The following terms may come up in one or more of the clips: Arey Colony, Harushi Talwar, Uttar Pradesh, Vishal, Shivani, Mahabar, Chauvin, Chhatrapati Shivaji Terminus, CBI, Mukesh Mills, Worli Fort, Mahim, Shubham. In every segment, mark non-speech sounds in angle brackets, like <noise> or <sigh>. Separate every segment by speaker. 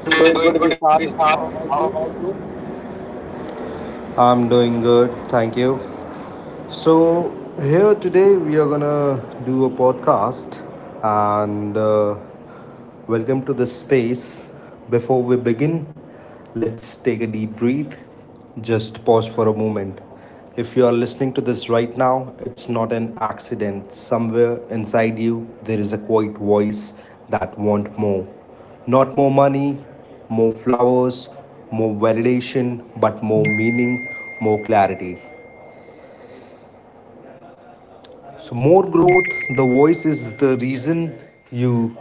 Speaker 1: I'm doing
Speaker 2: I'm
Speaker 1: good,
Speaker 2: doing good,
Speaker 1: Vishal.
Speaker 2: Vishal.
Speaker 1: How about
Speaker 2: How
Speaker 1: you?
Speaker 2: about you? I'm doing good, thank you. So, here today we are gonna do a podcast and welcome to this space. Before we begin, let's take a deep breath. Just pause for a moment. If you are listening to this right now, it's not an accident. Somewhere inside you, there is a quiet voice that wants more. Not more money, more flowers, more validation, but more meaning, more clarity. So more growth, the voice is the reason you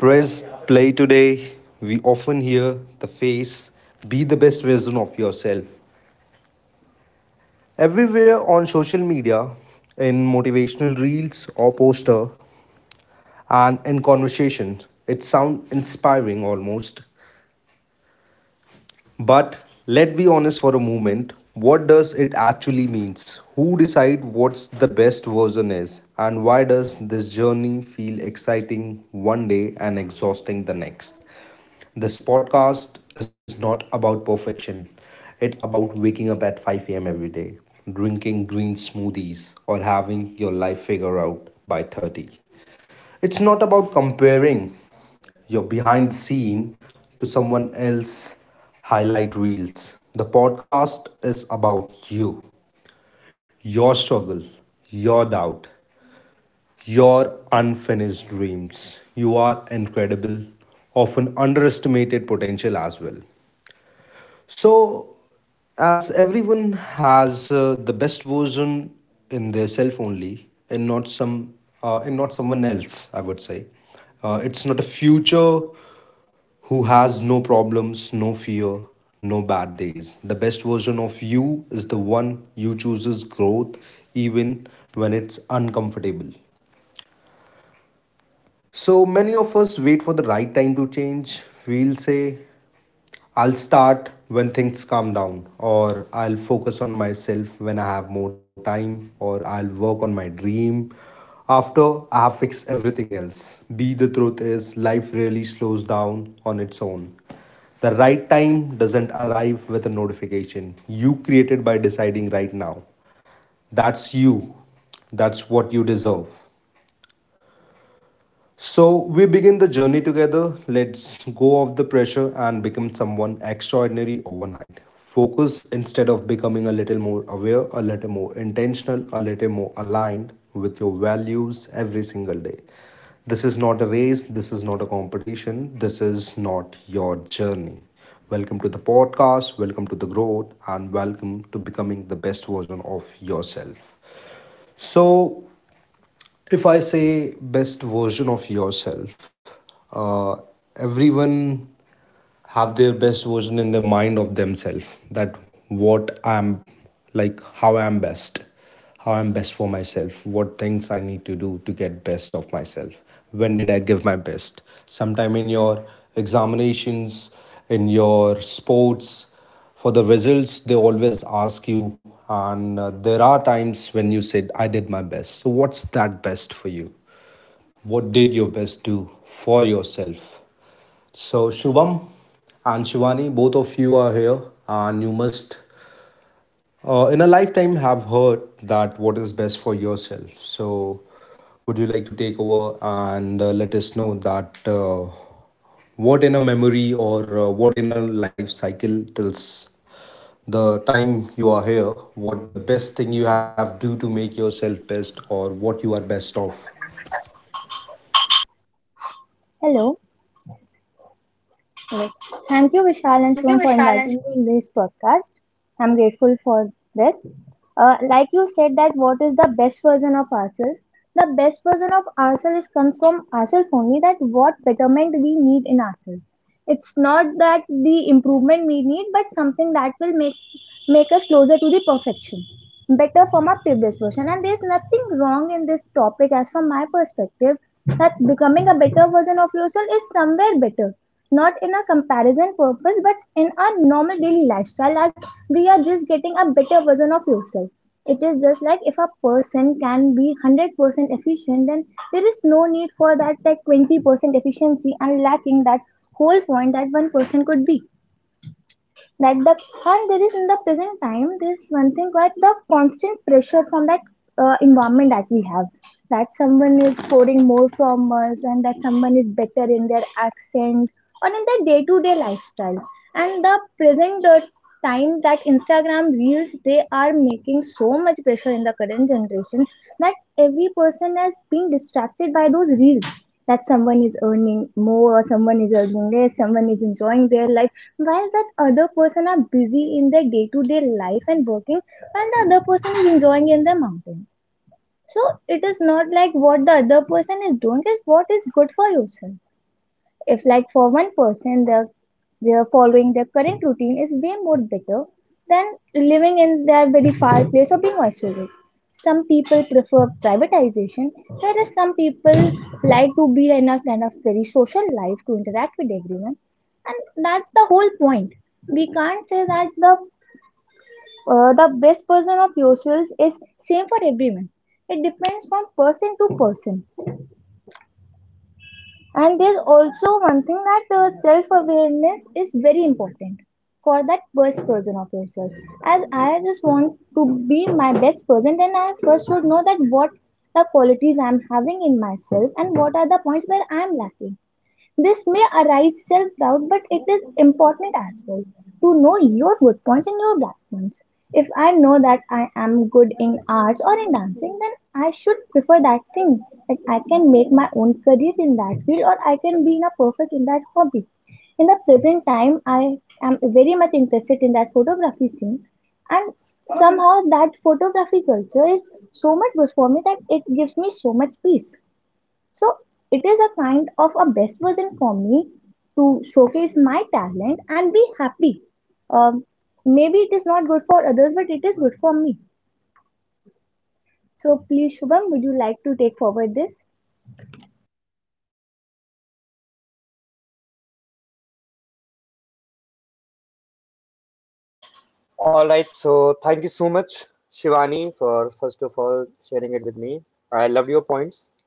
Speaker 2: press play today. We often hear the face, be the best version of yourself. Everywhere on social media, in motivational reels or poster, and in conversations, it sounds inspiring almost. But let's be honest for a moment. What does it actually means? Who decide what's the best version is and why does this journey feel exciting one day and exhausting the next? This podcast is not about perfection. It's about waking up at 5 a.m. every day, drinking green smoothies or having your life figure out by 30. It's not about comparing your behind the scene to someone else's highlight reels. The podcast is about you, your struggle, your doubt, your unfinished dreams. You are incredible, often underestimated potential as well. So, as everyone has the best version in their self only and not some and not someone else I would say it's not a future who has no problems, no fear, no bad days. The best version of you is the one you chooses growth even when it's uncomfortable. So many of us wait for the right time to change. We'll say I'll start when things calm down, or I'll focus on myself when I have more time, or I'll work on my dream after I have fixed everything else. Be the truth is, life really slows down on its own. The right time doesn't arrive with a notification. You created by deciding right now. That's you. That's what you deserve. So we begin the journey together. Let's go off the pressure and become someone extraordinary overnight. Focus instead of becoming a little more aware, a little more intentional, a little more aligned with your values every single day. This is not a race, this is not a competition, this is not your journey. Welcome to the podcast, welcome to the growth, and welcome to becoming the best version of yourself. So, if I say best version of yourself, uh, everyone have their best version in their mind of themselves. That what I'm like, how I'm best for myself, what things I need to do to get best of myself. When did I give my best? Sometime in your examinations, in your sports, for the results they always ask you and there are times when you said I did my best. So what's that best for you? What did your best do for yourself? So Shubham and Shivani, both of you are here and you must in a lifetime have heard that what is best for yourself. So would you like to take over and let us know that what in a memory or what in a life cycle tells the time you are here, what the best thing you have to do to make yourself best or what you are best of.
Speaker 3: Hello. Hello. Thank you, Vishal and
Speaker 2: Thank you,
Speaker 3: Shivam, for
Speaker 2: Vishal, and
Speaker 3: inviting me in this podcast. I'm grateful for this. Like you said, that what is the best version of ourselves? The best version of ourselves comes from ourselves only. That what betterment we need in ourselves, it's not that the improvement we need but something that will make us closer to the perfection, better from our previous version. And there's nothing wrong in this topic as from my perspective, that becoming a better version of yourself is somewhere better, not in a comparison purpose but in our normal daily lifestyle, as we are just getting a better version of yourself. It is just like if a person can be 100% efficient, then there is no need for that 20% efficiency and lacking that whole point that one person could be. That the, and there is in the present time, there is one thing that the constant pressure from that environment that we have, that someone is scoring more from us and that someone is better in their accent or in their day-to-day lifestyle. And the present time that Instagram reels, they are making so much pressure in the current generation that every person is being distracted by those reels. That someone is earning more or someone is earning less, someone is enjoying their life, while that other person are busy in their day-to-day life and working, while the other person is enjoying in the mountains. So it is not like what the other person is doing is what is good for yourself. If like for one person, the their following their current routine is way more better than living in their very far place or being isolated. Some people prefer privatization, whereas some people like to be in a kind of very social life to interact with everyone. And that's the whole point. We can't say that the best version of yourself is same for everyone. It depends from person to person. And there's also one thing that self awareness is very important for that best version of yourself. As I just want to be my best person, then I first should know that what the qualities I'm having in myself and what are the points where I'm lacking. This may arise self-doubt, but it is important as well to know your good points and your black points. If I know that I am good in arts or in dancing, then I should prefer that thing. Like I can make my own career in that field or I can be in a perfect in that hobby. In the present time, I am very much interested in that photography scene, and somehow that photography culture is so much good for me that it gives me so much peace. So it is a kind of a best version for me to showcase my talent and be happy. Um, Maybe it is not good for others, but it is good for me. So please, Shubham, would you like to take forward this?
Speaker 1: All right, so thank you so much, Shivani, for first of all sharing it with me. I love your points.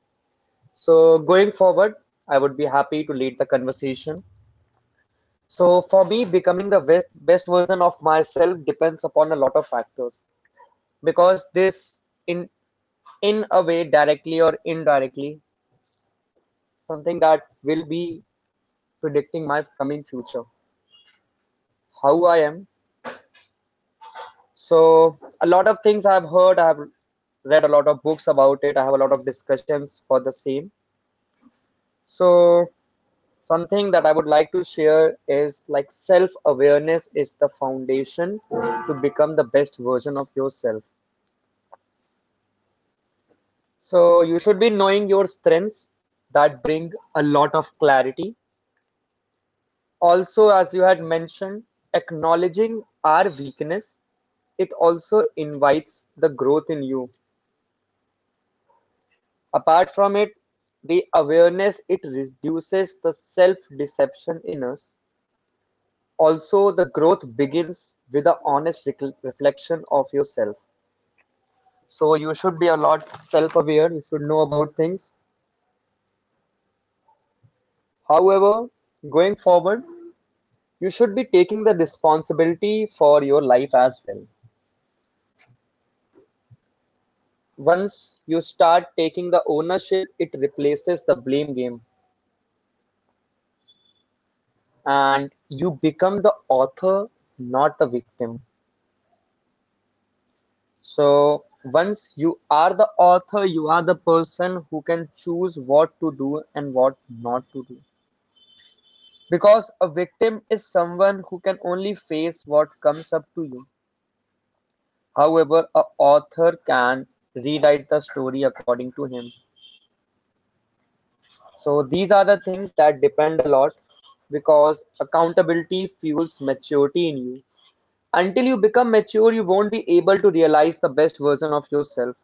Speaker 1: So, going forward, I would be happy to lead the conversation. So, for me, becoming the best version of myself depends upon a lot of factors because this, in a way, directly or indirectly, something that will be predicting my coming future, how I am. So a lot of things I've heard, I've read a lot of books about it, I have a lot of discussions for the same. So something that I would like to share is like self-awareness is the foundation to become the best version of yourself. So you should be knowing your strengths that bring a lot of clarity. Also, as you had mentioned, acknowledging our weakness, it also invites the growth in you. Apart from it, the awareness, it reduces the self-deception in us, also the growth begins with a honest reflection of yourself. So you should be a lot self-aware, you should know about things. However, going forward, you should be taking the responsibility for your life as well. Once you start taking the ownership, it replaces the blame game and you become the author, not the victim. So once you are the author, you are the person who can choose what to do and what not to do. Because a victim is someone who can only face what comes up to you. However, a author can rewrite the story according to him. So these are the things that depend a lot because accountability fuels maturity in you. Until you become mature, you won't be able to realize the best version of yourself.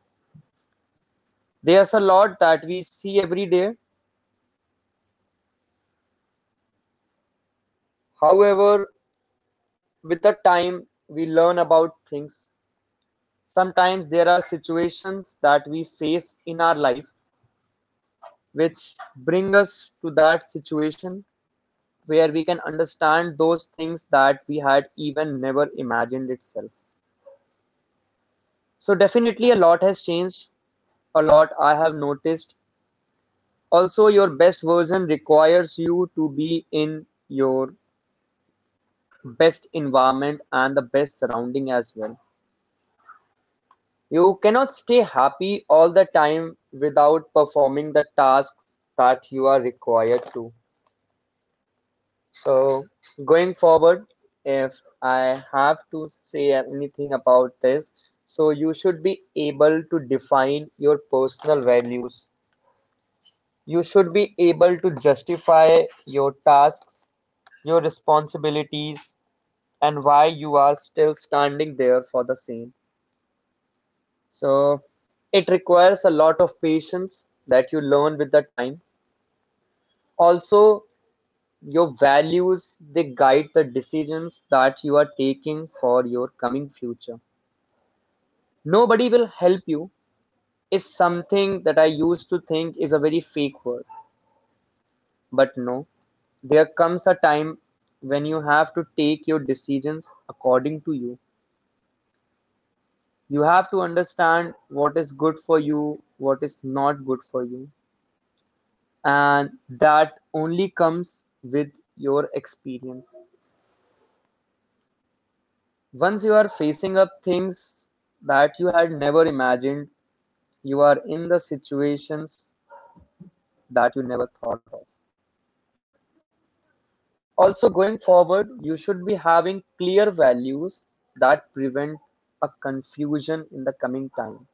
Speaker 1: There's a lot that we see every day. However, with the time we learn about things. Sometimes there are situations that we face in our life which bring us to that situation where we can understand those things that we had even never imagined itself. So definitely a lot has changed, a lot I have noticed. Also, your best version requires you to be in your best environment and the best surrounding as well. You cannot stay happy all the time without performing the tasks that you are required to. So, going forward, if I have to say anything about this, so you should be able to define your personal values. You should be able to justify your tasks, your responsibilities, and why you are still standing there for the same. So it requires a lot of patience that you learn with the time. Also, your values, they guide the decisions that you are taking for your coming future. Nobody will help you is something that I used to think is a very fake word. But no, there comes a time when you have to take your decisions according to you. You have to understand what is good for you, what is not good for you. And that only comes with your experience. Once you are facing up things that you had never imagined, you are in the situations that you never thought of. Also, going forward, you should be having clear values that prevent a confusion in the coming time.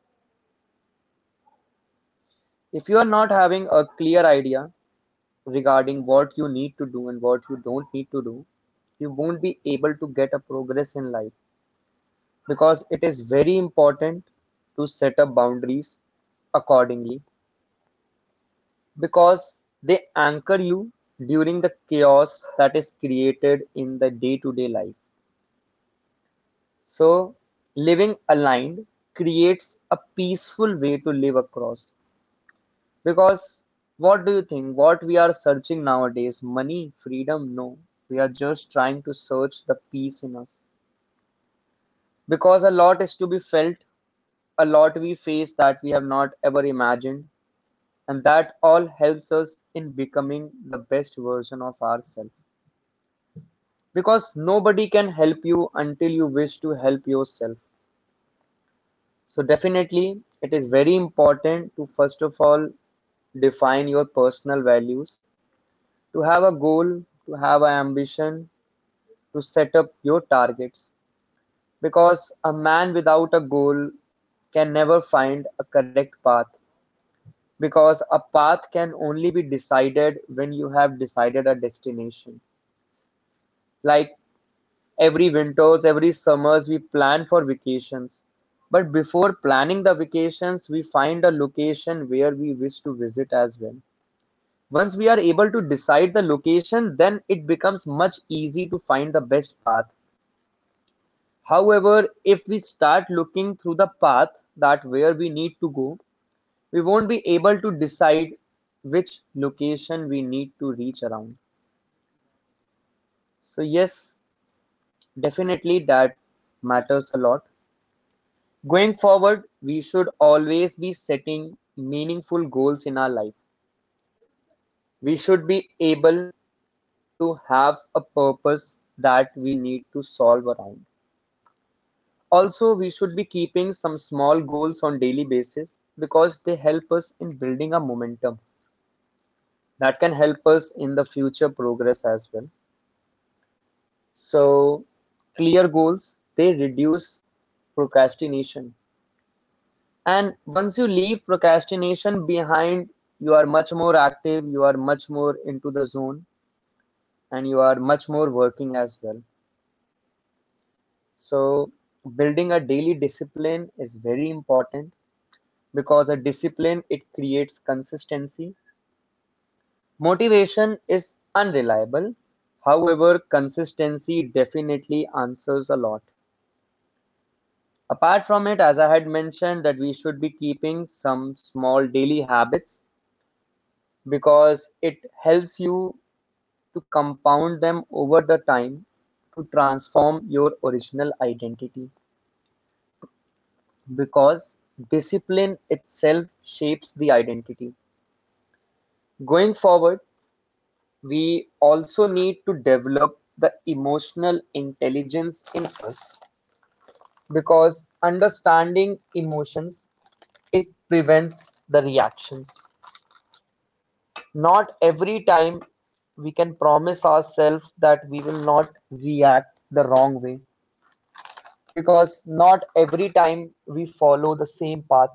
Speaker 1: If you are not having a clear idea regarding what you need to do and what you don't need to do, you won't be able to get a progress in life. Because it is very important to set up boundaries accordingly because they anchor you during the chaos that is created in the day to day life. So, living aligned creates a peaceful way to live across. Because what do you think? What we are searching nowadays? Money, freedom? No. We are just trying to search the peace in us. Because a lot is to be felt, a lot we face that we have not ever imagined, and that all helps us in becoming the best version of ourselves, because nobody can help you until you wish to help yourself. So definitely it is very important to first of all define your personal values, to have a goal, to have an ambition, to set up your targets, because a man without a goal can never find a correct path, because a path can only be decided when you have decided a destination. Like every winters, every summers, we plan for vacations. But before planning the vacations, we find a location where we wish to visit as well. Once we are able to decide the location, then it becomes much easy to find the best path. However, if we start looking through the path that where we need to go, we won't be able to decide which location we need to reach around. So yes, definitely that matters a lot. Going forward, we should always be setting meaningful goals in our life. We should be able to have a purpose that we need to solve around. Also, we should be keeping some small goals on daily basis because they help us in building a momentum that can help us in the future progress as well. So, clear goals, they reduce procrastination. And once you leave procrastination behind, you are much more active, you are much more into the zone, and you are much more working as well. So, building a daily discipline is very important because a discipline, it creates consistency. Motivation is unreliable. However, consistency definitely answers a lot. Apart from it, as I had mentioned, that we should be keeping some small daily habits because it helps you to compound them over the time to transform your original identity, because discipline itself shapes the identity. Going forward, we also need to develop the emotional intelligence in us because understanding emotions, it prevents the reactions. Not every time we can promise ourselves that we will not react the wrong way. Because not every time we follow the same path,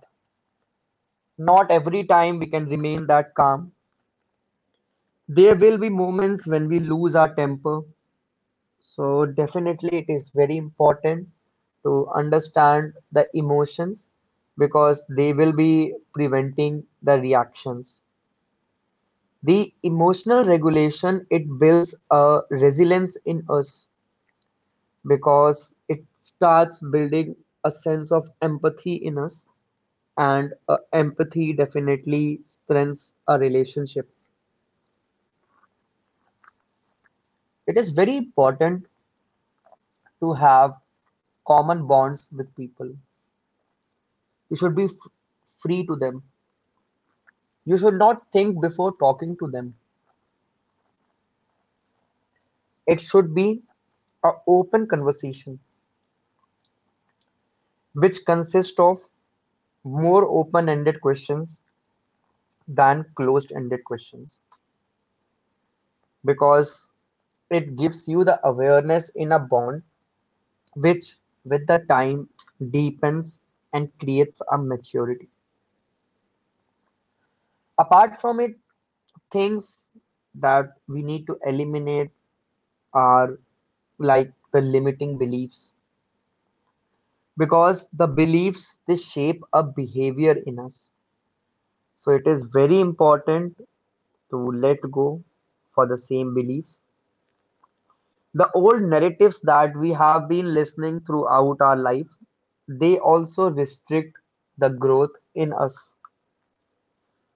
Speaker 1: not every time we can remain that calm. There will be moments when we lose our temper. So, definitely, it is very important to understand the emotions because they will be preventing the reactions. The emotional regulation, it builds a resilience in us because it starts building a sense of empathy in us, and empathy definitely strengthens a relationship. It is very important to have common bonds with people. You should be free to them. You should not think before talking to them. It should be an open conversation, which consists of more open-ended questions than closed-ended questions, because it gives you the awareness in a bond which with the time deepens and creates a maturity. Apart from it, things that we need to eliminate are like the limiting beliefs, because the beliefs, they shape a behavior in us. So it is very important to let go for the same beliefs. The old narratives that we have been listening throughout our life, they also restrict the growth in us.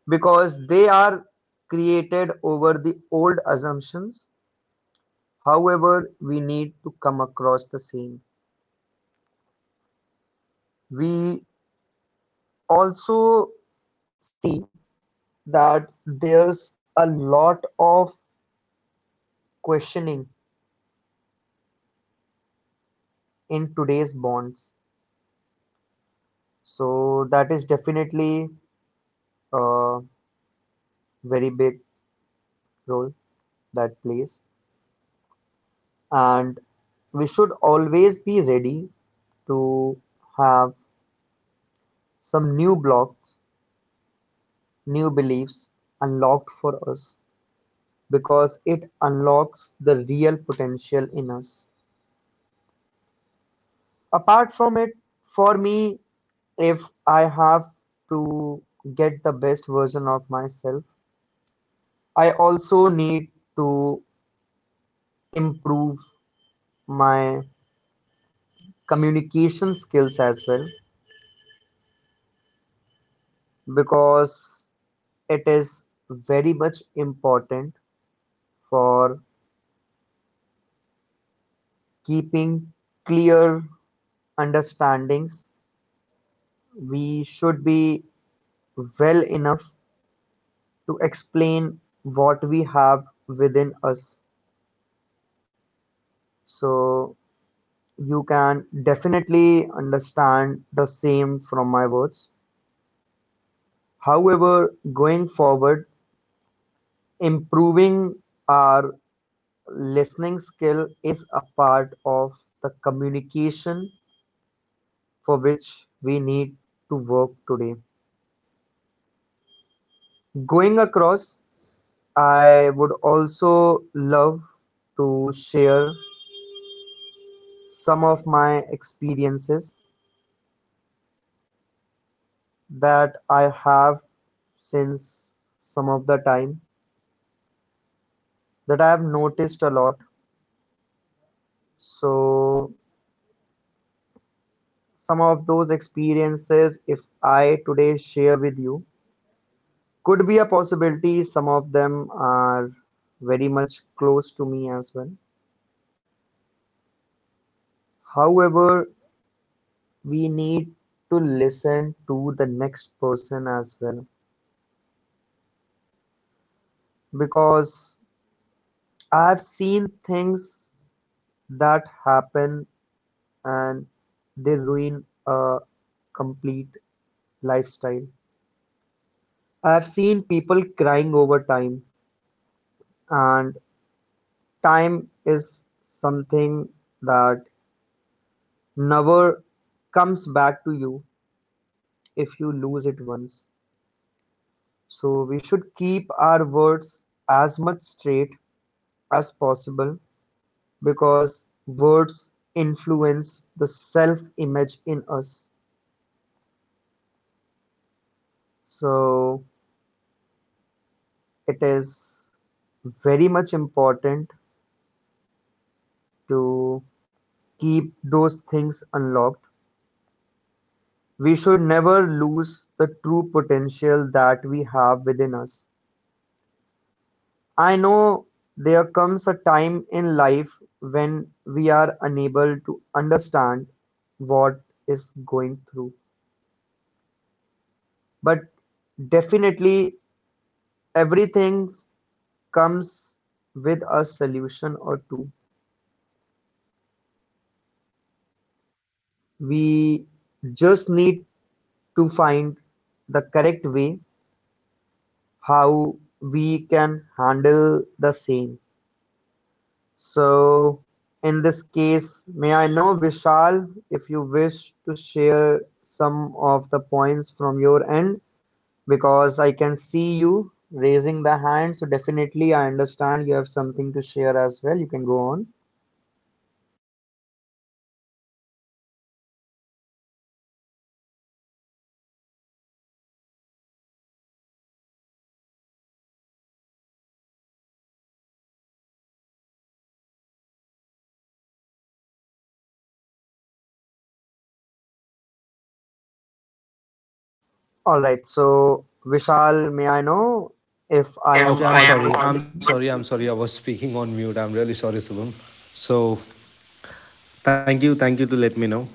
Speaker 1: Because they are created over the old assumptions, however, we need to come across the same. We also see that there's a lot of questioning in today's bonds. So that is definitely a very big role that plays. And we should always be ready to have some new blocks, new beliefs unlocked for us. Because it unlocks the real potential in us. Apart from it, for me, if I have to get the best version of myself, I also need to improve my communication skills as well because it is very much important for keeping clear understandings. We should be well enough to explain what we have within us. So you can definitely understand the same from my words. However, going forward, improving our listening skill is a part of the communication for which we need to work today. Going across, I would also love to share some of my experiences that I have since some of the time that I have noticed a lot. So, some of those experiences, if I today share with you, could be a possibility. Some of them are very much close to me as well. However, we need to listen to the next person as well, because I've seen things that happen and they ruin a complete lifestyle. I've seen people crying over time, and time is something that never comes back to you if you lose it once. So we should keep our words as much straight as possible because words influence the self image in us. So it is very much important to keep those things unlocked, we should never lose the true potential that we have within us. I know there comes a time in life when we are unable to understand what is going through, but definitely everything comes with a solution or two. We just need to find the correct way how we can handle the same. So, in this case, may I know, Vishal, if you wish to share some of the points from your end, because I can see you raising the hand. So, definitely, I understand you have something to share as well. You can go on. All right. So, Vishal, may I know if I am
Speaker 2: okay, I am
Speaker 1: audible
Speaker 2: sorry.
Speaker 1: to
Speaker 2: I'm
Speaker 1: you?
Speaker 2: sorry. I'm sorry. I was speaking on mute. I'm really sorry, Subham. So, thank you. Thank you to let me know.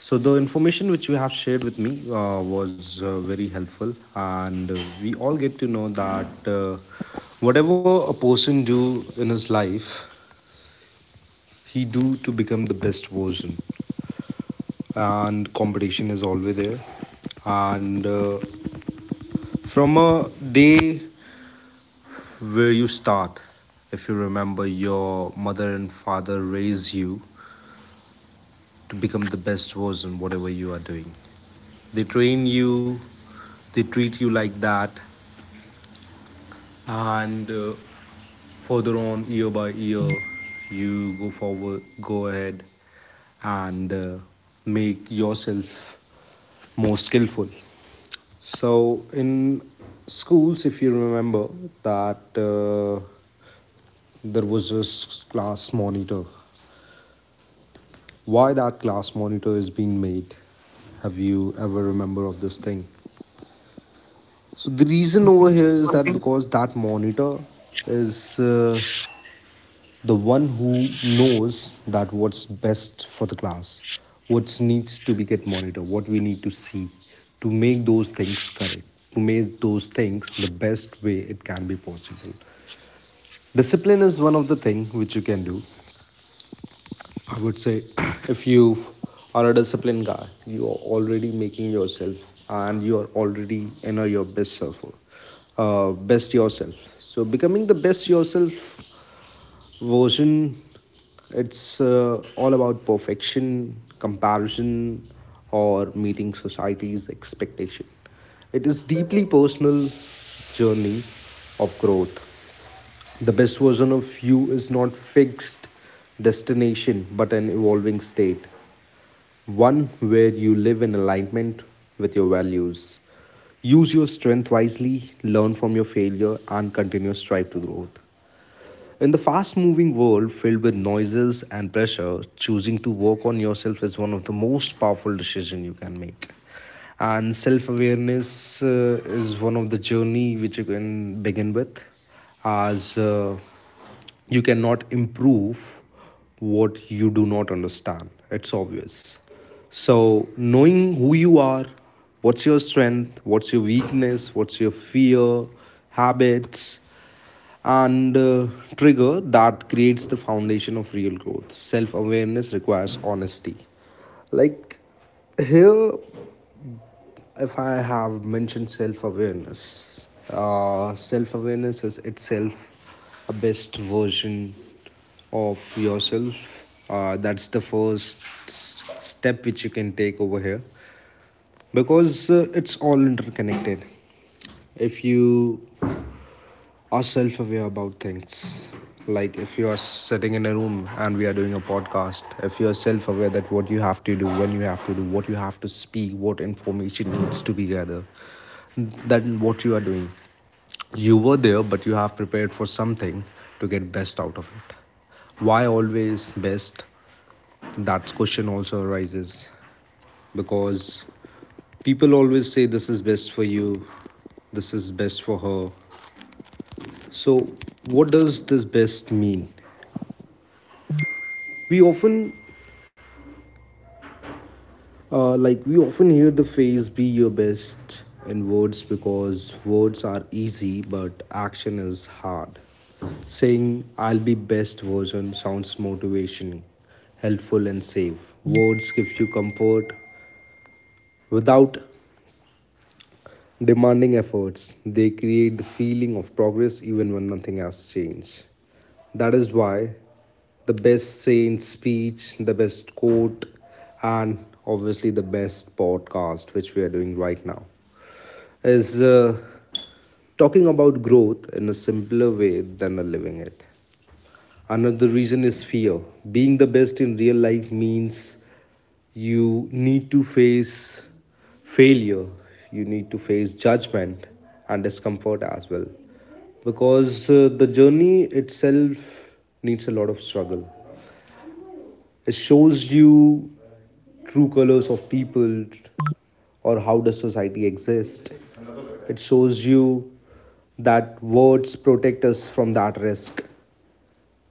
Speaker 2: So, the information which you have shared with me was very helpful, and we all get to know that whatever a person do in his life, he do to become the best version and competition is always there and from a day where you start, if you remember, your mother and father raise you to become the best version. Whatever you are doing, they train you, they treat you like that and further on, year by year, you go forward, go ahead and make yourself more skillful. So in schools, if you remember that there was this class monitor. Why that class monitor is being made? Have you ever remember of this thing? So the reason over
Speaker 1: Could
Speaker 2: here is that because that monitor is the one who knows that what's best for the class, what needs to be get monitored, what we need to see to make those things correct, to make those things the best way it can be possible. Discipline is one of the things which you can do. I would say <clears throat> if you are a disciplined guy, you are already making yourself and you are already in your best self, best yourself. So becoming the best yourself version, it's all about perfection, comparison, or meeting society's expectation. It is deeply personal journey of growth. The best version of you is not fixed destination but an evolving state, one where you live in alignment with your values. Use your strength wisely, learn from your failure and continue to strive to growth. In the fast moving world filled with noises and pressure, choosing to work on yourself is one of the most powerful decisions you can make. And self awareness is one of the journey which you can begin with as you cannot improve what you do not understand. It's obvious. So, knowing who you are, what's your strength, what's your weakness, what's your fear, habits, and trigger that creates the foundation of real growth. Self awareness requires honesty. Like here, if I have mentioned self awareness is itself a best version of yourself. That's the first step which you can take over here because it's all interconnected if you are self aware about things. Like if you are sitting in a room and we are doing a podcast, if you are self aware that what you have to do, when you have to do, what you have to speak, what information needs to be gathered, then what you are doing. You were there, but you have prepared for something to get best out of it. Why always best? That question also arises because people always say this is best for you, this is best for her. So, what does this best mean? We often like we often hear the phrase "be your best" in words because words are easy, but action is hard. Saying "I'll be best version" sounds motivation, helpful and safe. Words gives you comfort without demanding efforts, they create the feeling of progress even when nothing has changed. That is why the best saying speech, the best quote, and obviously the best podcast, which we are doing right now, is talking about growth in a simpler way than living it. Another reason is fear. Being the best in real life means you need to face failure, you need to face judgment and discomfort as well. Because the journey itself needs a lot of struggle. It shows you true colors of people or how does society exist. It shows you that words protect us from that risk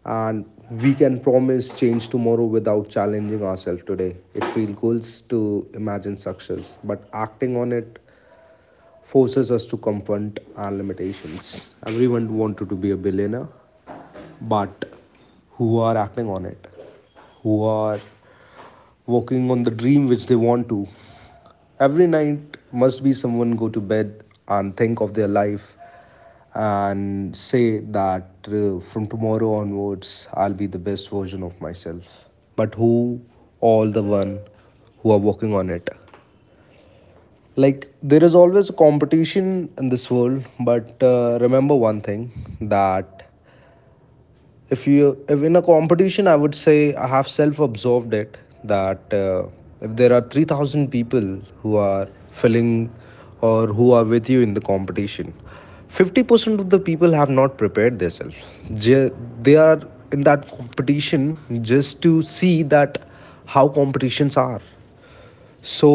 Speaker 2: and we can promise change tomorrow without challenging ourselves today. It feels good to imagine success, but acting on it forces us to confront our limitations. Everyone wanted to be a billionaire, but who are acting on it? Who are working on the dream which they want to? Every night must be someone go to bed and think of their life and say that from tomorrow onwards I'll be the best version of myself. But who all the one who are working on it? Like there is always a competition in this world, but remember one thing that if in a competition I would say I have self absorbed it that if there are 3000 people who are filling or who are with you in the competition, 50% of the people have not prepared themselves. They are in that competition just to see that how competitions are, so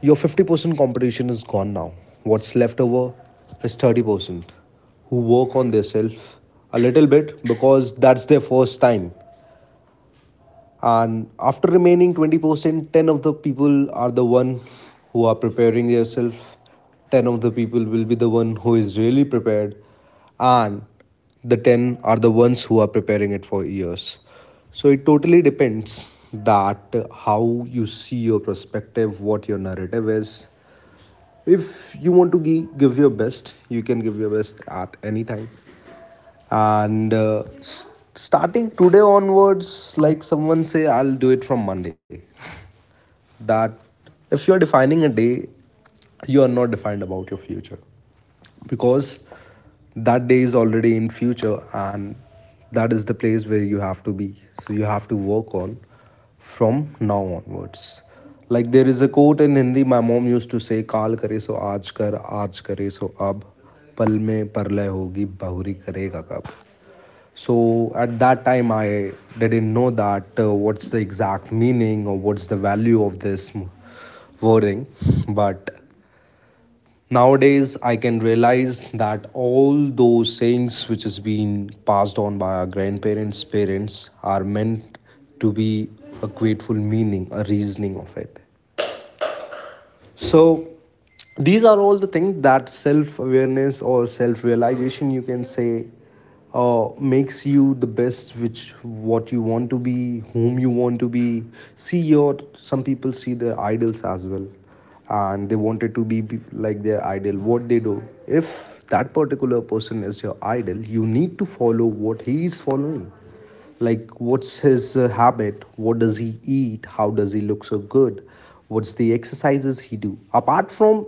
Speaker 2: your 50% competition is gone now. What's left over is 30% who work on themselves a little bit because that's their first time, and after remaining 20%, 10 of the people are the one who are preparing yourself, 10 of the people will be the one who is really prepared and the 10 are the ones who are preparing it for years. So it totally depends that how you see your perspective, what your narrative is. If you want to give your best, you can give your best at any time and starting today onwards, like someone say I'll do it from Monday, that if you're defining a day, you are not defined about your future because that day is already in future and that is the place where you have to be. So you have to work on from now onwards. Like there is a quote in Hindi my mom used to say: काल करे सो आज कर, आज करे सो अब, पल में परलय होगी बहुरी करेगा कब. So at that time, I didn't know that what's the exact meaning or what's the value of this wording. But nowadays, I can realize that all those sayings which is being passed on by our grandparents, parents are meant to be a grateful meaning, a reasoning of it. So these are all the things that self awareness or self realization, you can say, makes you the best, which what you want to be, whom you want to be. See your, some people see their idols as well and they wanted to be like their idol, what they do. If that particular person is your idol, you need to follow what he is following, like what's his habit, what does he eat, how does he look so good, what's the exercises he do apart from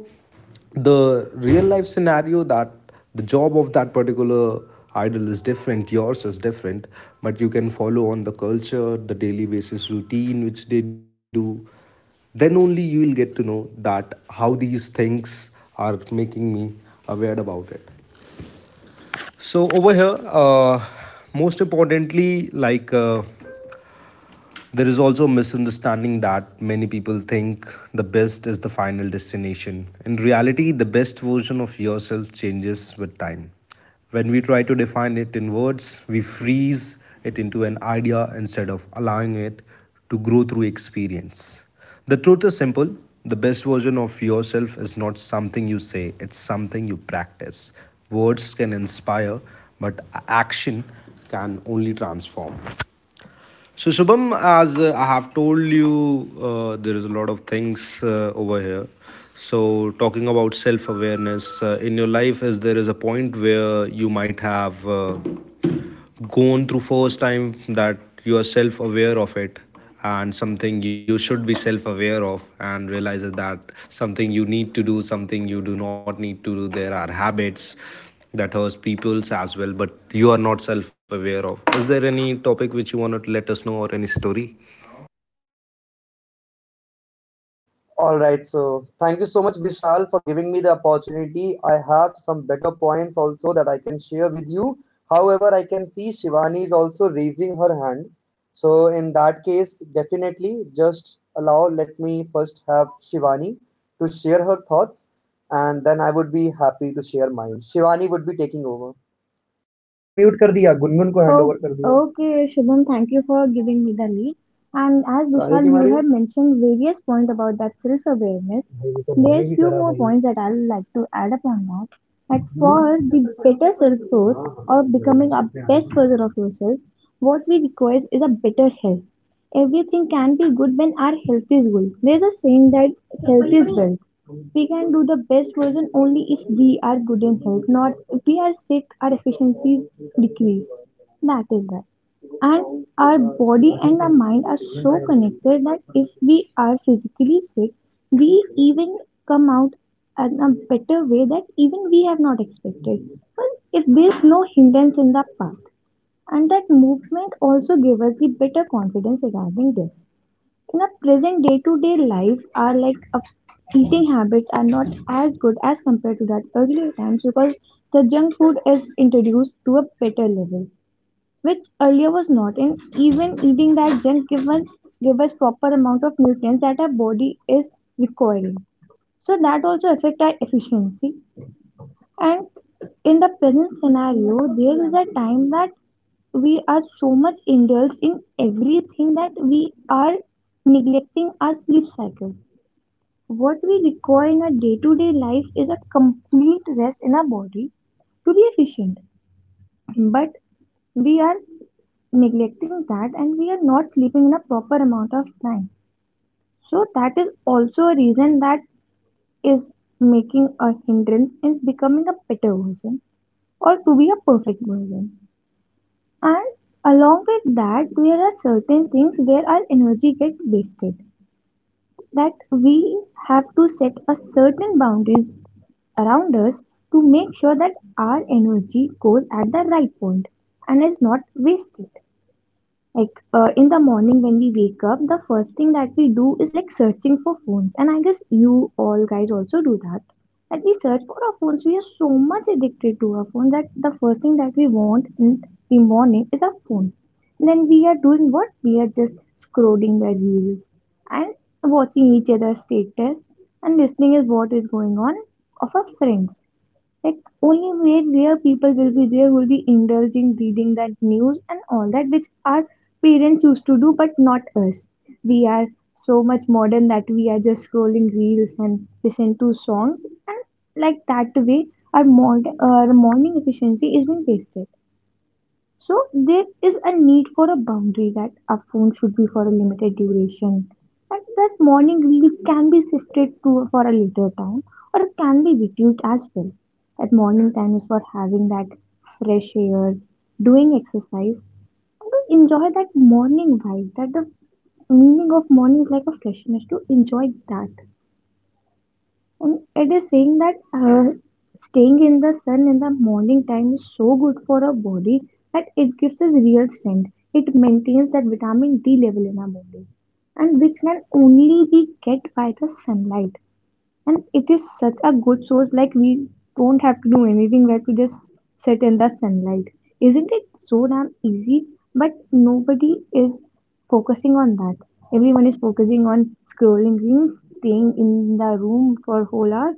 Speaker 2: the real life scenario. That the job of that particular idol is different, yours is different, but you can follow on the culture, the daily basis routine which they do. Then only you will get to know that how these things are making me aware about it. So over here, most importantly, there is also a misunderstanding that many people think the best is the final destination. In reality, the best version of yourself changes with time. When we try to define it in words, we freeze it into an idea instead of allowing it to grow through experience. The truth is simple: the best version of yourself is not something you say, it's something you practice. Words can inspire, but action can only transform. So Shubham, as I have told you, there is a lot of things over here. So talking about self-awareness in your life, is there is a point where you might have gone through first time that you are self-aware of it and something you should be self aware of and realize that something you need to do, something you do not need to do. There are habits that hurts people's as well, but you are not self aware of. Is there any topic which you want to let us know or any story?
Speaker 1: All right, so thank you so much, Vishal, for giving me the opportunity. I have some better points also that I can share with you. However, I can see Shivani is also raising her hand. So, in that case, definitely just allow, let me first have Shivani to share her thoughts, and then I would be happy to share mine. Shivani would be taking over.
Speaker 3: अरे नहीं, मैंने mute कर दिया, गुनगुन को Oh, handover कर दिया। Okay, Shubham, thank you for giving me the lead. And as काहे Vishal, की you मारी? Have mentioned various points about that self-awareness. भाई, वो तो मैंने There's भी few करा more भाई। Points that I'd like to add upon that. That for the better self-growth or becoming a best version of yourself, what we require is a better health. Everything can be good when our health is good. There's a saying that health is wealth. We can do the best version only if we are good in health. Not if we are sick, our efficiencies decrease. That is why. And our body and our mind are so connected that if we are physically fit, we even come out in a better way that even we have not expected. But if there's no hindrance in the path, and that movement also gave us the better confidence regarding this. In our present day to day life, our like eating habits are not as good as compared to that earlier times because the junk food is introduced to a better level, which earlier was not. And even eating that junk given give us proper amount of nutrients that our body is requiring. So that also affect our efficiency. And in the present scenario, there is a time that we are so much indulged in everything that we are neglecting our sleep cycle. What we require in our day to day life is a complete rest in our body to be efficient. But we are neglecting that and we are not sleeping in a proper amount of time. So, that is also a reason that is making a hindrance in becoming a better version or to be a perfect version. And along with that, there are certain things where our energy gets wasted. That we have to set a certain boundaries around us to make sure that our energy goes at the right point and is not wasted. Like in the morning when we wake up, the first thing that we do is like searching for phones, and I guess you all guys also do that. Like we search for our phones, we are so much addicted to our phones that the first thing that we want in the morning is our phone. And then we are doing what? We are just scrolling the reels and watching each other's status and listening is what is going on of our friends. Like only where people will be there will be indulging reading that news and all that which our parents used to do, but not us. We are so much modern that we are just scrolling reels and listen to songs, and like that way, our our morning efficiency is being wasted. So there is a need for a boundary that a phone should be for a limited duration, and that morning reel can be shifted to for a later time, or it can be reduced as well. That morning time is for having that fresh air, doing exercise, and to enjoy that morning vibe. That the meaning of morning is like a freshness to enjoy that. And it is saying that staying in the sun in the morning time is so good for our body that it gives us real strength. It maintains that vitamin D level in our body, and which can only be get by the sunlight. And it is such a good source, like we don't have to do anything, we have to just sit in the sunlight. Isn't it so damn easy? But nobody is focusing on that. Everyone is focusing on scrolling reels, staying in the room for whole hour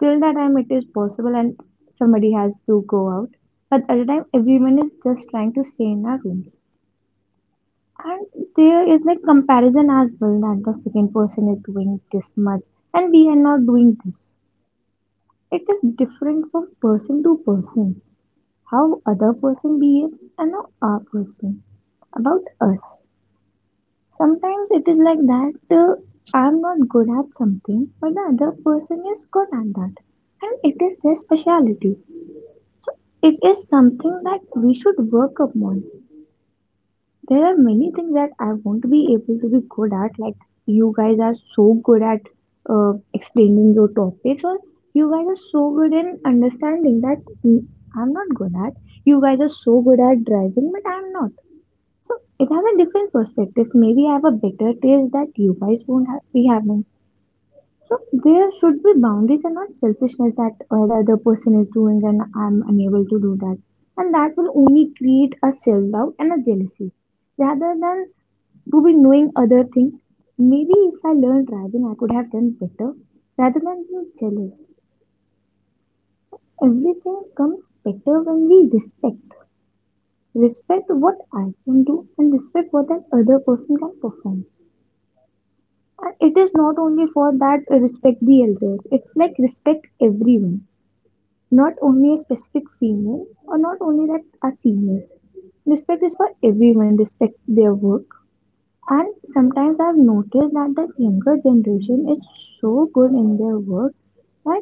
Speaker 3: till that time it is possible and somebody has to go out, but at the time everyone is just trying to stay in our rooms. And there is like comparison as well, that the second person is doing this much and we are not doing this. It is different from person to person, how other person behaves and how our person about us. Sometimes it is like that, uh, I'm not good at something but the other person is good at that, and it is their speciality. So it is something that we should work upon. There are many things that I want to be able to be good at. Like you guys are so good at explaining your topics, or you guys are so good in understanding that, mm, I'm not good at. You guys are so good at driving, but I'm not. So it has a different perspective. Maybe I have a better taste that you guys won't ha- be having. So there should be boundaries and not selfishness that the other person is doing and I'm unable to do that. And that will only create a self doubt and a jealousy rather than to be knowing other thing. Maybe if I learned driving, I could have done better rather than being jealous. Everything comes better when we respect. Respect what I can do and respect what that other person can perform. And it is not only for that respect the elders, it's like respect everyone, not only a specific female or not only that are seniors. Respect is for everyone, respect their work. And sometimes I've noticed that the younger generation is so good in their work that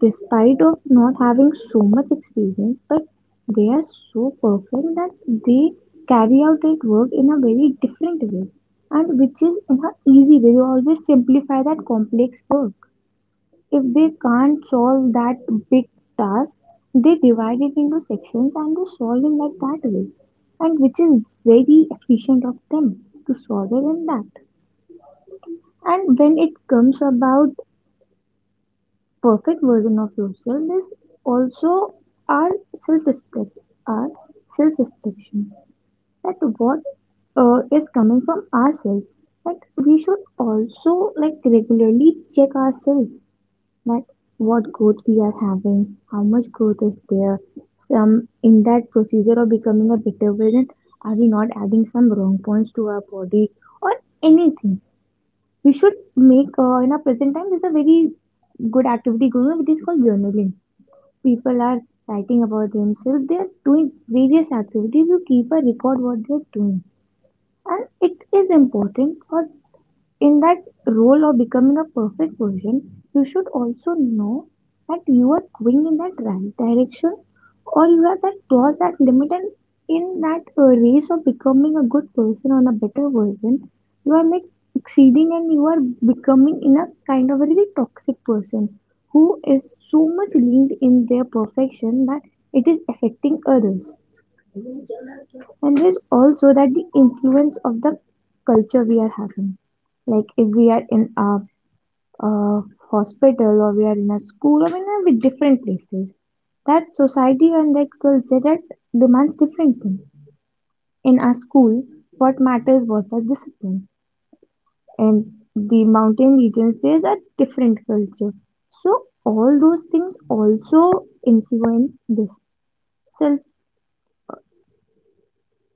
Speaker 3: despite of not having so much experience, but they are so perfect that they carry out their work in a very different way and which is in an easy way. They always simplify that complex work. If they can't solve that big task, they divide it into sections and they solve it like that way. And which is very efficient of them to solve it in that. And when it comes about perfect version of yourself, this also our self respect, our self reflection. That what is coming from ourselves. That we should also like regularly check ourselves, like what growth we are having, how much growth is there, some in that procedure of becoming a better version, are we not adding some wrong points to our body or anything? We should make in our present time there's a very good activity going on which is called journaling. People are writing about themselves, they are doing various activities to keep a record what they are doing. And it is important for in that role of becoming a perfect version, you should also know that you are going in that right direction or you have that crossed that limit, and in that race of becoming a good person or a better version, you are like exceeding and you are becoming in a kind of a really toxic person who is so much linked in their perfection that it is affecting others. And there's also that the influence of the culture we are having, like if we are in a hospital or we are in a school or in a with different places, that society and that culture that demands different things. In our school what matters was the discipline, and the mountain regions there's a different culture. So all those things also influence this self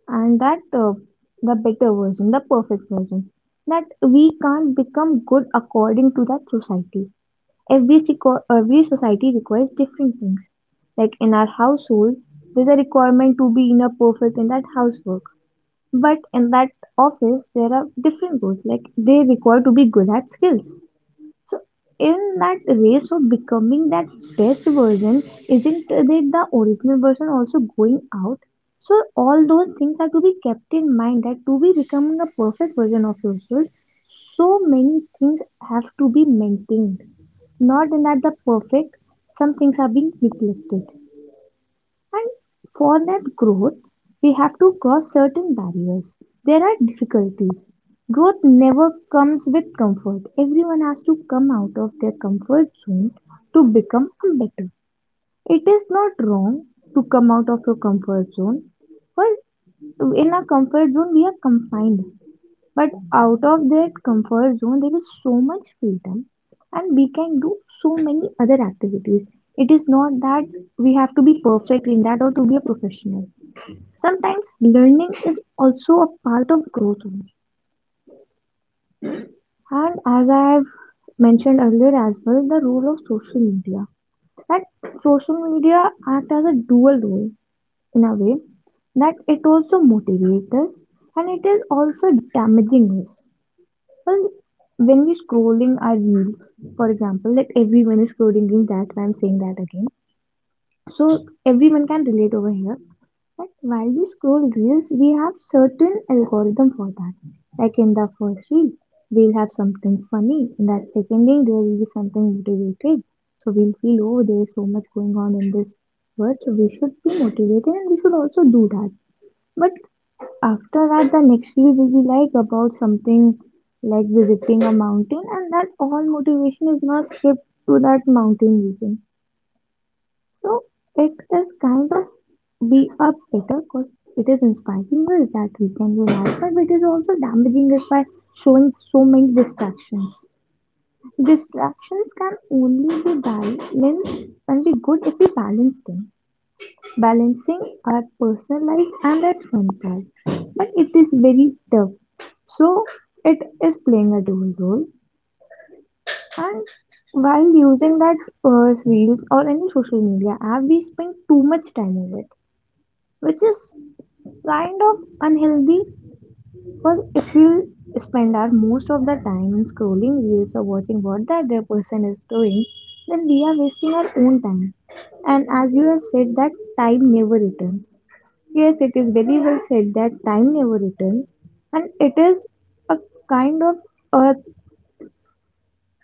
Speaker 3: and that the better version, the perfect version, that we can't become good according to that society. Every society requires different things. Like in our household, there's a requirement to be in a perfect in that housework. But in that office, there are different goals. Like they require to be good at skills. So, in that race of becoming that best version, isn't it the original version also going out? So, all those things are to be kept in mind, that to be becoming a perfect version of yourself, so many things have to be maintained. Not in that the perfect, some things are being neglected. And for that growth, we have to cross certain barriers. There are difficulties. Growth never comes with comfort. Everyone has to come out of their comfort zone to become better. It is not wrong to come out of your comfort zone. Because in our comfort zone, we are confined, but out of that comfort zone there is so much freedom and we can do so many other activities. It is not that we have to be perfect in that or to be a professional. Sometimes learning is also a part of growth only. And as I have mentioned earlier as well, the role of social media, that social media act as a dual role in a way, that it also motivates us and it is also damaging us. Because when we scrolling our reels, for example, like everyone is scrolling reels, that's why I'm saying that again. So everyone can relate over here. But while we scroll reels, we have certain algorithm for that. Like in the first reel, we'll have something funny. In that second reel, there will be something motivated. So we'll feel, oh, there is so much going on in this world. So we should be motivated and we should also do that. But after that the next reel will be like about something like visiting a mountain and that all motivation is not skipped to that mountain region. So it is kind of be a better because it is inspiring us that we can do that, but it is also damaging us by showing so many distractions. Distractions can only be balanced and be good if we balance them, balancing our personal life and that fun part. But it is very tough. So it is playing a dual role. And while using that reels or any social media app, we spend too much time on it, which is kind of unhealthy. Because if we spend our most of the time in scrolling reels or watching what the other person is doing, then we are wasting our own time. And as you have said, that time never returns. Yes, it is very well said that time never returns, and it is a kind of a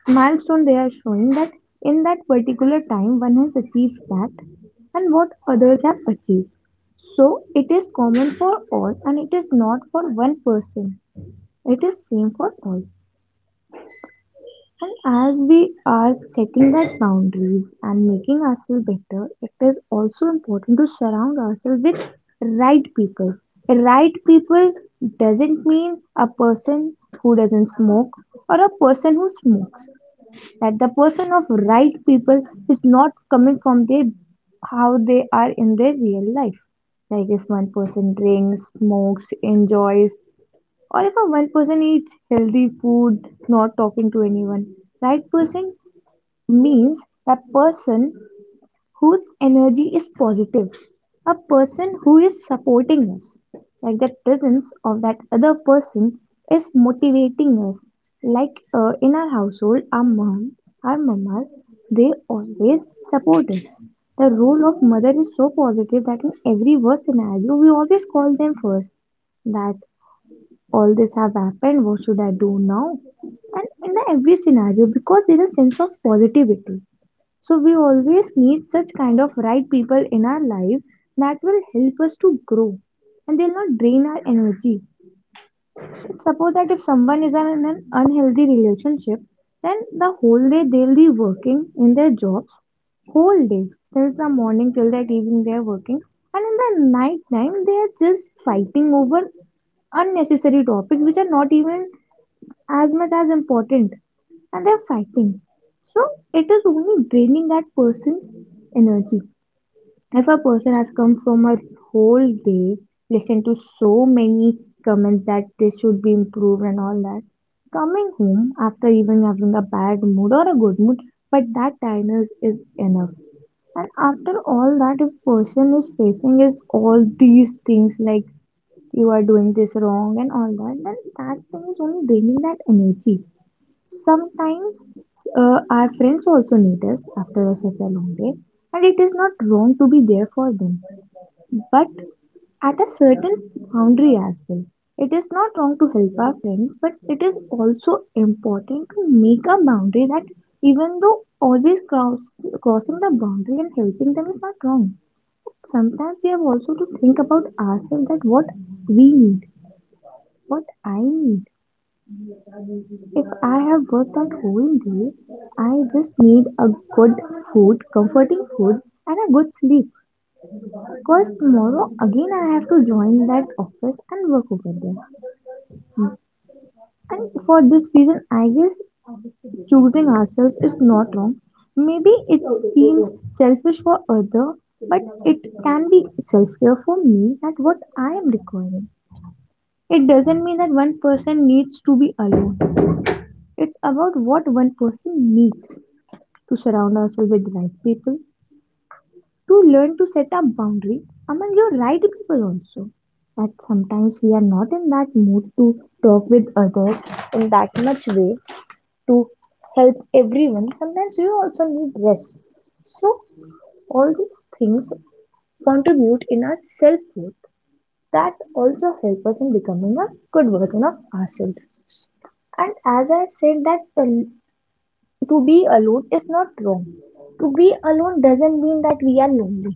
Speaker 3: milestone they are showing that in that particular time one has achieved that and what others have achieved. So it is common for all and it is not for one person. It is same for all. And as we are setting that boundaries and making ourselves better, it is also important to surround ourselves with right people. Right people doesn't mean a person who doesn't smoke or a person who smokes. That the person of right people is not coming from their how they are in their real life. Like if one person drinks, smokes, enjoys, or if a one person eats healthy food, not talking to anyone. Right person means a person whose energy is positive, a person who is supporting us. Like the presence of that other person is motivating us. Like in our household, our mom, our mamas, they always support us. The role of mother is so positive that in every worst scenario, we always call them first, that all this have happened, what should I do now. And in every scenario, because there is a sense of positivity, so we always need such kind of right people in our life that will help us to grow and they'll not drain our energy. Suppose that if someone is in an unhealthy relationship, then the whole day they'll be working in their jobs, whole day, since the morning till that evening they're working, and in the night time they are just fighting over unnecessary topics which are not even as much as important, and they're fighting. So it is only draining that person's energy. If a person has come from a whole day, listened to so many comments that this should be improved and all that, coming home after even having a bad mood or a good mood, but that tiredness is enough. And after all that, if person is facing is all these things like you are doing this wrong and all that, then that thing is only draining that energy. Sometimes our friends also need us after such a long day, and it is not wrong to be there for them, but at a certain boundary as well. It is not wrong to help our friends, but it is also important to make a boundary that even though always cross, crossing the boundary and helping them is not wrong. Sometimes we have also to think about ourselves, that what we need, what I need. If I have worked that whole day, I just need a good food, comforting food, and a good sleep. Because tomorrow again I have to join that office and work over there. And for this reason, I guess choosing ourselves is not wrong. Maybe it seems selfish for other, but it can be self-care for me, that what I am requiring. It doesn't mean that one person needs to be alone. It's about what one person needs, to surround ourselves with the right people, to learn to set up boundary among your right people also, that sometimes we are not in that mood to talk with others in that much way, to help everyone. Sometimes you also need rest. So all these things contribute in our self worth, that also help us in becoming a good version of ourselves. And as I have said that to be alone is not wrong. To be alone doesn't mean that we are lonely.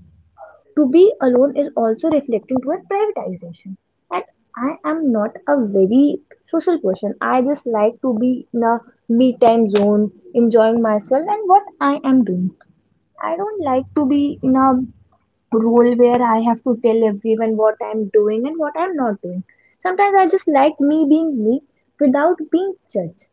Speaker 3: To be alone is also reflecting toward privatization. And I am not a very social person. I just like to be in a me time zone, enjoying myself and what I am doing. I don't like to be in a role where I have to tell everyone what I'm doing and what I'm not doing. Sometimes I just like me being me without being judged.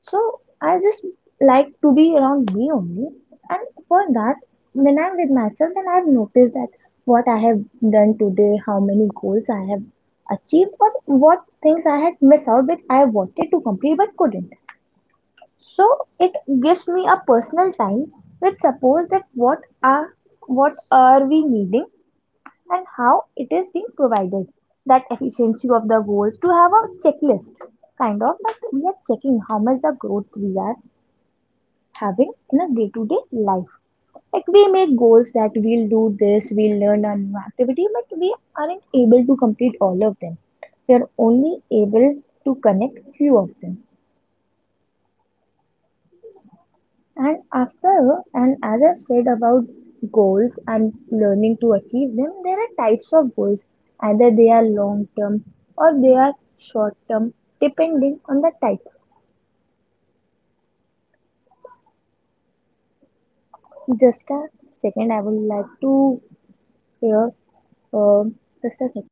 Speaker 3: So I just like to be around me only. And for that, when I'm with myself, then I've noticed that what I have done today, how many goals I have achieved, or what things I had missed out, which I wanted to complete but couldn't. So it gives me a personal time, which suppose that what are we needing and how it is being provided. That efficiency of the goals to have a checklist kind of, that we are checking how much the growth we are having in a day-to-day life. Like we make goals that we'll do this, we'll learn a new activity, but we aren't able to complete all of them. We are only able to connect few of them. And after and as I've said about goals and learning to achieve them, there are types of goals. Either they are long term or they are short term, depending on the type. Just a second, I would like to hear um just a second.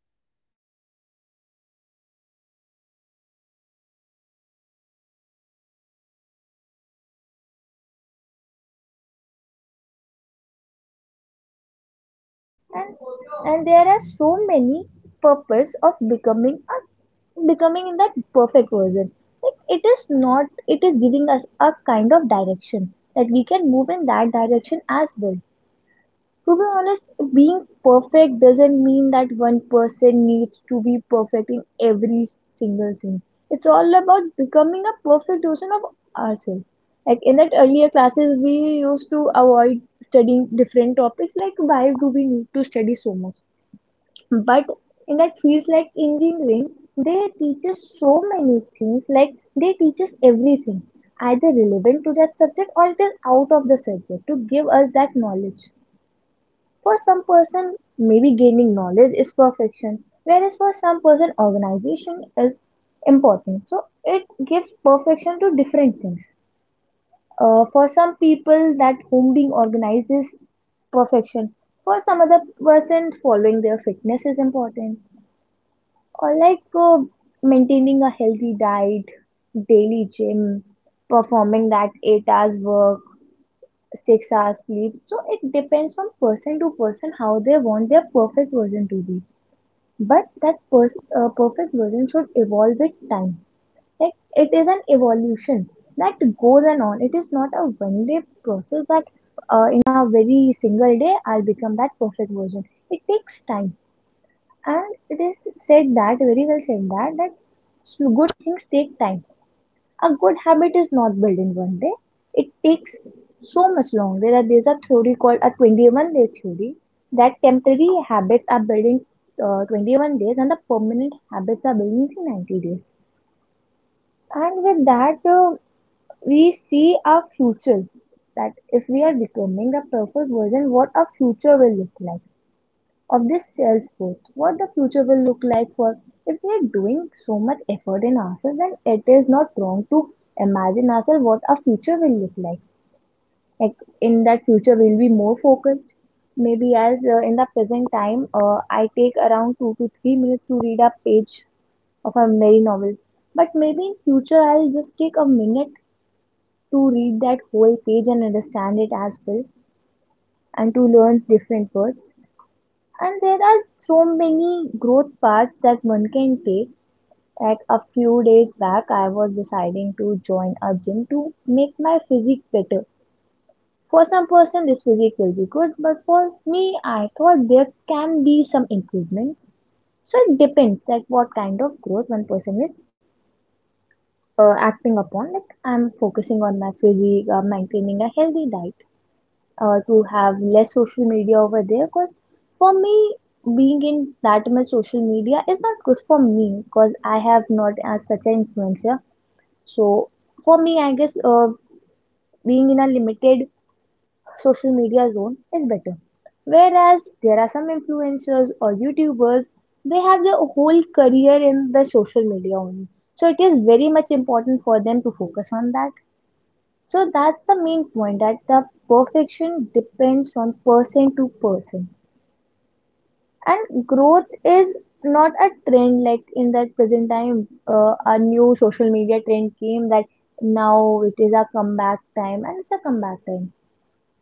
Speaker 3: and and there are so many purpose of becoming that perfect version, like it is not it is giving us a kind of direction that we can move in that direction as well. To be honest, being perfect doesn't mean that one person needs to be perfect in single thing. It's all about becoming a perfect version of ourselves. Like in that earlier classes, we used to avoid studying different topics, like why do we need to study so much, but in that feels like engineering, they teach us so many things. Like they teach us everything, either relevant to that subject or it is out of the subject, to give us that knowledge. For some person, maybe gaining knowledge is perfection, whereas for some person, organization is important. So it gives perfection to different things. For some people, that home being organized is perfection. For some other person, following their fitness is important, or like, maintaining a healthy diet, daily gym, performing that 8 hours work, 6 hours sleep. So it depends on person to person how they want their perfect version to be. But that perfect version should evolve with time. Like it is an evolution that goes and on. It is not a one day process that, in a very single day, I'll become that perfect version. It takes time, and it is said that, that good things take time. A good habit is not built in one day. It takes so much long. There's a theory called a 21-day theory, that temporary habits are built in 21 days and the permanent habits are built in 90 days. And with that, we see our future. That if we are becoming a perfect version, what our future will look like of this self growth, what the future will look like for, if we are doing so much effort in ourselves, then it is not wrong to imagine ourselves what our future will look like. Like in that future, we'll be more focused. Maybe as in the present time, I take around 2 to 3 minutes to read a page of a merry novel. But maybe in future, I'll just take a minute to read that whole page and understand it as well, and to learn different words. And there are so many growth paths that one can take. Like a few days back, I was deciding to join a gym to make my physique better. For some person, this physique will be good, but for me, I thought there can be some improvements. So it depends that what kind of growth one person is acting upon. Like I'm focusing on my physique, maintaining a healthy diet, to have less social media over there, because for me, being in that much social media is not good for me, because I have not as such an influencer. So for me, I guess, being in a limited social media zone is better, whereas there are some influencers or youtubers, they have their whole career in the social media only. So it is very much important for them to focus on that. So that's the main point, that the perfection depends from person to person. And growth is not a trend, like in that present time, a new social media trend came that now it is a comeback time and it's a comeback time.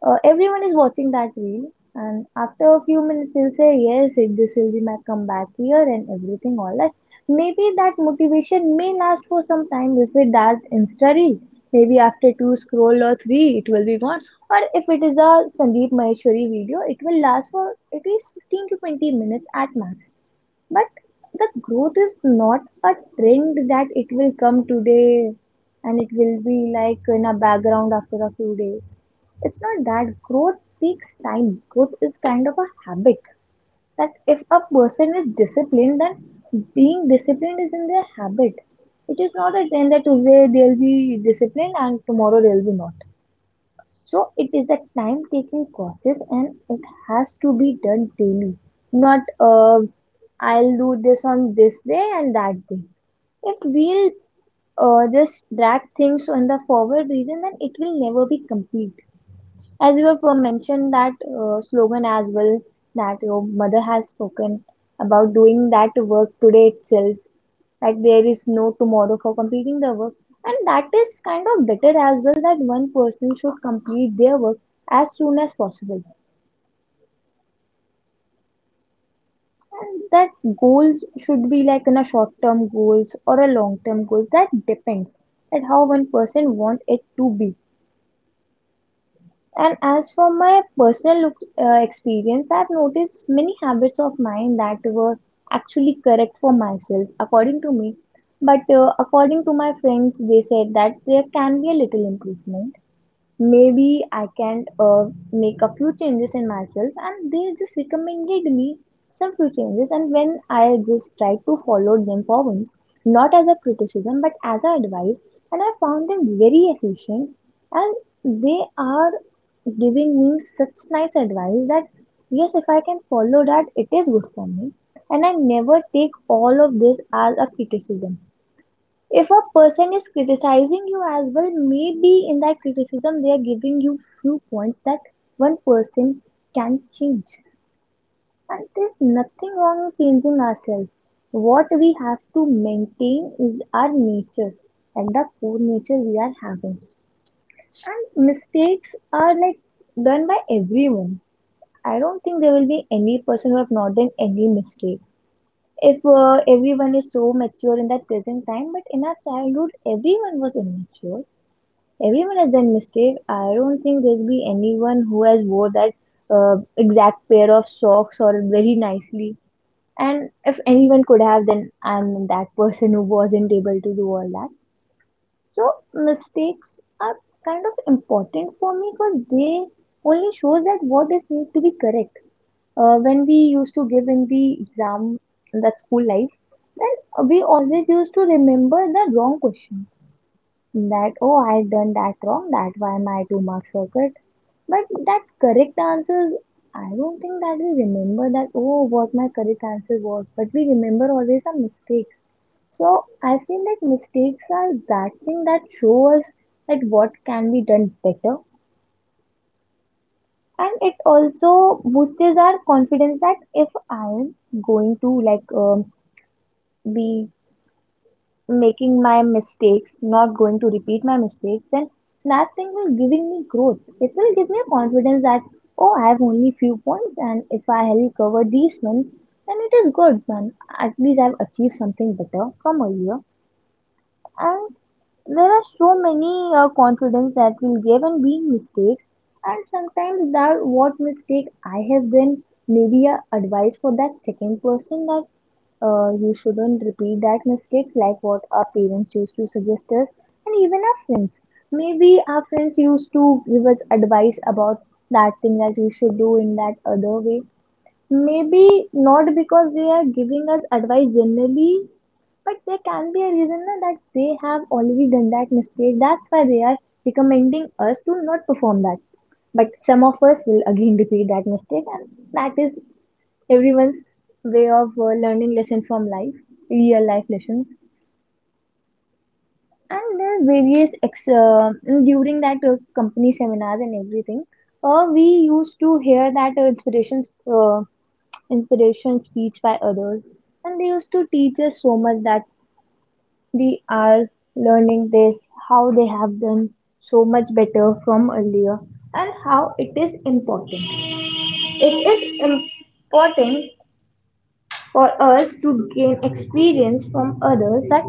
Speaker 3: Everyone is watching that reel, and after a few minutes, he'll say, "Yes, it, this will be my comeback year and everything, all that." Maybe that motivation may last for some time if it does Insta reel. Maybe after two scroll or three, it will be gone. Or if it is a Sandeep Maheshwari video, it will last for at least 15 to 20 minutes at max. But the growth is not a trend that it will come today and it will be like in a background after a few days. It's not that growth takes time. Growth is kind of a habit that if a person is disciplined, then being disciplined is in their habit. It is not a trend that today they'll be disciplined and tomorrow they'll be not. So it is a time taking process and it has to be done daily, not I'll do this on this day and that day. If we'll just drag things in the forward region, then it will never be complete. As you have mentioned that slogan as well, that your mother has spoken about doing that work today itself, like there is no tomorrow for completing the work, and that is kind of better as well, that one person should complete their work as soon as possible. And that goals should be like in a short term goals or a long term goals, that depends at how one person want it to be. And as for my personal look, experience, I've noticed many habits of mine that were actually correct for myself according to me, but according to my friends, they said that there can be a little improvement, maybe I can make a few changes in myself, and they just recommended me some few changes, and when I just tried to follow them for once, not as a criticism but as a advice, and I found them very efficient, and they are giving me such nice advice that yes, if I can follow that, it is good for me. And I never take all of this as a criticism. If a person is criticizing you as well, maybe in that criticism they are giving you few points that one person can change. And there's nothing wrong with changing ourselves. What we have to maintain is our nature and the poor nature we are having. And mistakes are like done by everyone. I don't think there will be any person who have not done any mistake. If everyone is so mature in that present time, but in our childhood everyone was immature. Everyone has that mistake. I don't think there'll be anyone who has wore that exact pair of socks or very nicely. And if anyone could have, then I'm that person who wasn't able to do all that. So mistakes are kind of important for me, because they only shows that what is need to be correct. When we used to give in the exam in that school life, then we always used to remember the wrong question, that oh, I have done that wrong, that why my two mark circuit, but that correct answers, I don't think that we remember that oh, what my correct answer was, but we remember always our mistakes. So I feel that mistakes are that thing that show us that what can be done better. And it also boosts our confidence that if I am going to, like, be making my mistakes, not going to repeat my mistakes, then that thing will giving me growth. It will give me a confidence that oh, I have only few points, and if I help cover these ones, then it is good, man. At least I've achieved something better from earlier. And there are so many confidence that will give and being mistakes, and sometimes that what mistake I have been maybe a advice for that second person, that you shouldn't repeat that mistakes, like what our parents used to suggest us, and even our friends, maybe our friends used to give us advice about that thing that we should do in that other way, maybe not because they are giving us advice generally, but there can be a reason na, that they have already done that mistake, that's why they are recommending us to not perform that. But some of us will again repeat that mistake, and that is everyone's way of learning lesson from life, real life lessons. And there are and during that company seminars and everything, we used to hear that uh, inspiration speech by others, and they used to teach us so much, that we are learning this, how they have done so much better from earlier, and how it is important, it is important for us to gain experience from others, that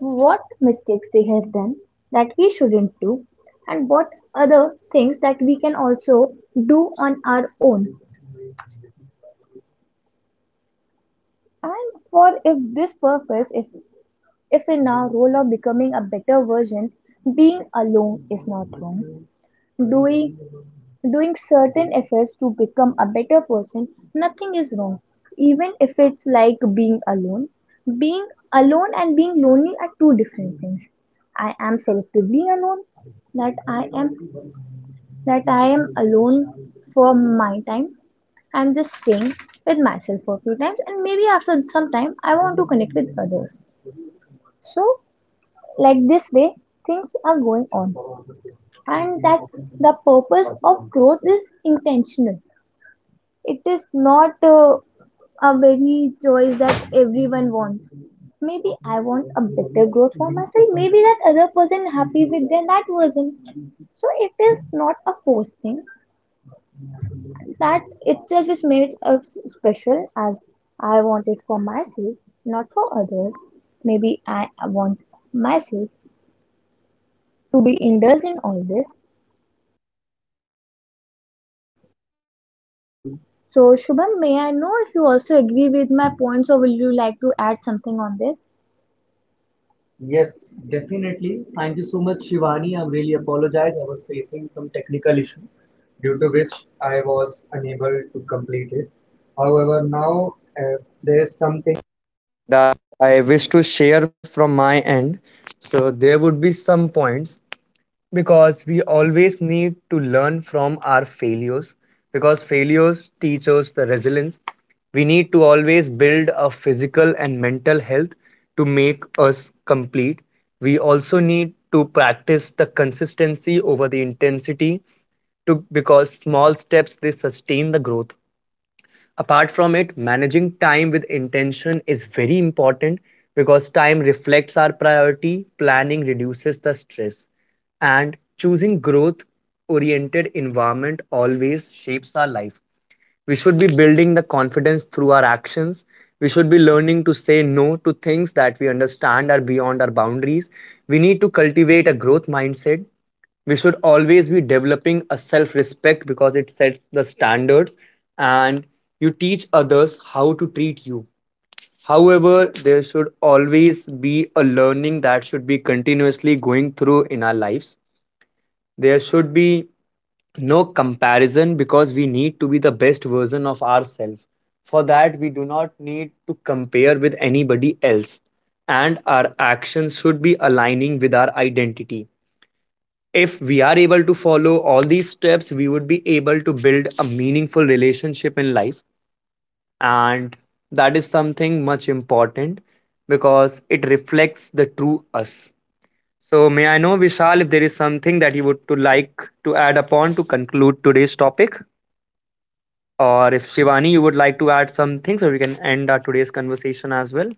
Speaker 3: what mistakes they have done that we shouldn't do, and what other things that we can also do on our own. And for if this purpose, if in our role of becoming a better version, being alone is not wrong. doing Doing certain efforts to become a better person, nothing is wrong, even if it's like being alone. Being alone and being lonely are two different things. I am selectively alone, that i am that I am alone for my time. I'm just staying with myself for a few times, and maybe after some time I want to connect with others. So like this way things are going on. And that the purpose of growth is intentional. It is not a very choice that everyone wants. Maybe I want a better growth for myself. Maybe that other person happy with their that version. So it is not a forced thing. That itself is made us special as I want it for myself, not for others. Maybe I want myself to be indulged in all this. You bolo. So, Shubham, may I know if you also agree with my points or will you like to add something on this? Yes, definitely. Thank you so much, Shivani. I really apologize. I was facing some technical issue due to which I was unable to complete it. However, now if there is something that I wish to share from my end, so there would be some points, because we always need to learn from our failures, because failures teach us the resilience. We need to always build a physical and mental health to make us complete. We also need to practice the consistency over the intensity, to because small steps they sustain the growth. Apart from it, managing time with intention is very important, because time reflects our priority, planning reduces the stress, and choosing growth oriented environment always shapes our life. We should be building the confidence through our actions. We should be learning to say no to things that we understand are beyond our boundaries. We need to cultivate a growth mindset. We should always be developing a self respect because it sets the standards, and you teach others how to treat you. However, there should always be a learning that should be continuously going through in our lives. There should be no comparison because we need to be the best version of ourselves. For that we do not need to compare with anybody else, and our actions should be aligning with our identity. If we are able to follow all these steps, we would be able to build a meaningful relationship in life, and that is something much important because it reflects the true us. So may I know, Vishal, if there is something that you would to like to add upon to conclude today's topic, or if Shivani you would like to add something so we can end our today's conversation as well.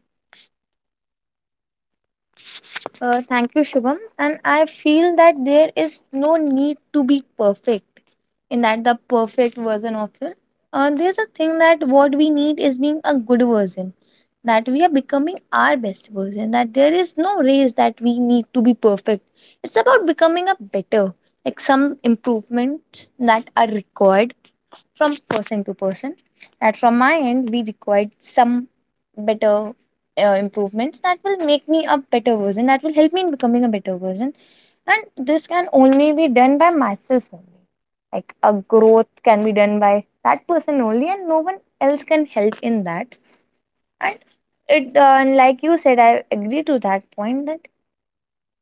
Speaker 3: Thank you, Shubham. And I feel that there is no need to be perfect in that the perfect version of it. There's a thing that what we need is being a good version, that we are becoming our best version, that there is no race that we need to be perfect. It's about becoming a better, like some improvements that are required from person to person, that from my end we required some better improvements that will make me a better version, that will help me in becoming a better version. And this can only be done by myself only, like a growth can be done by that person only and no one else can help in that. And it and like you said, I agree to that point that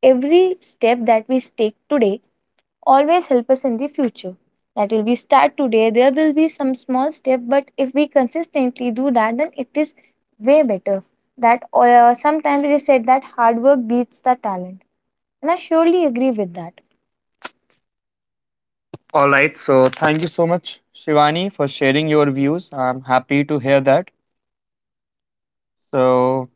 Speaker 3: every step that we take today always help us in the future. That will be start today. There will be some small step, but if we consistently do that, then it is way better. That sometimes it is said that hard work beats the talent, and I surely agree with that. All right, so thank you so much, Shivani, for sharing your views. I'm happy to hear that. So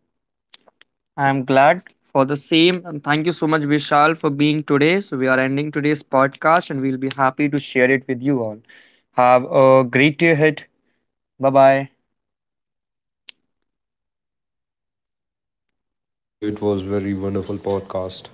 Speaker 3: I'm glad for the same. And thank you so much, Vishal, for being today. So we are ending today's podcast and we'll be happy to share it with you all. Have a great day ahead. 拜拜。
Speaker 2: Bye, guys. Thank you. It was very wonderful podcast.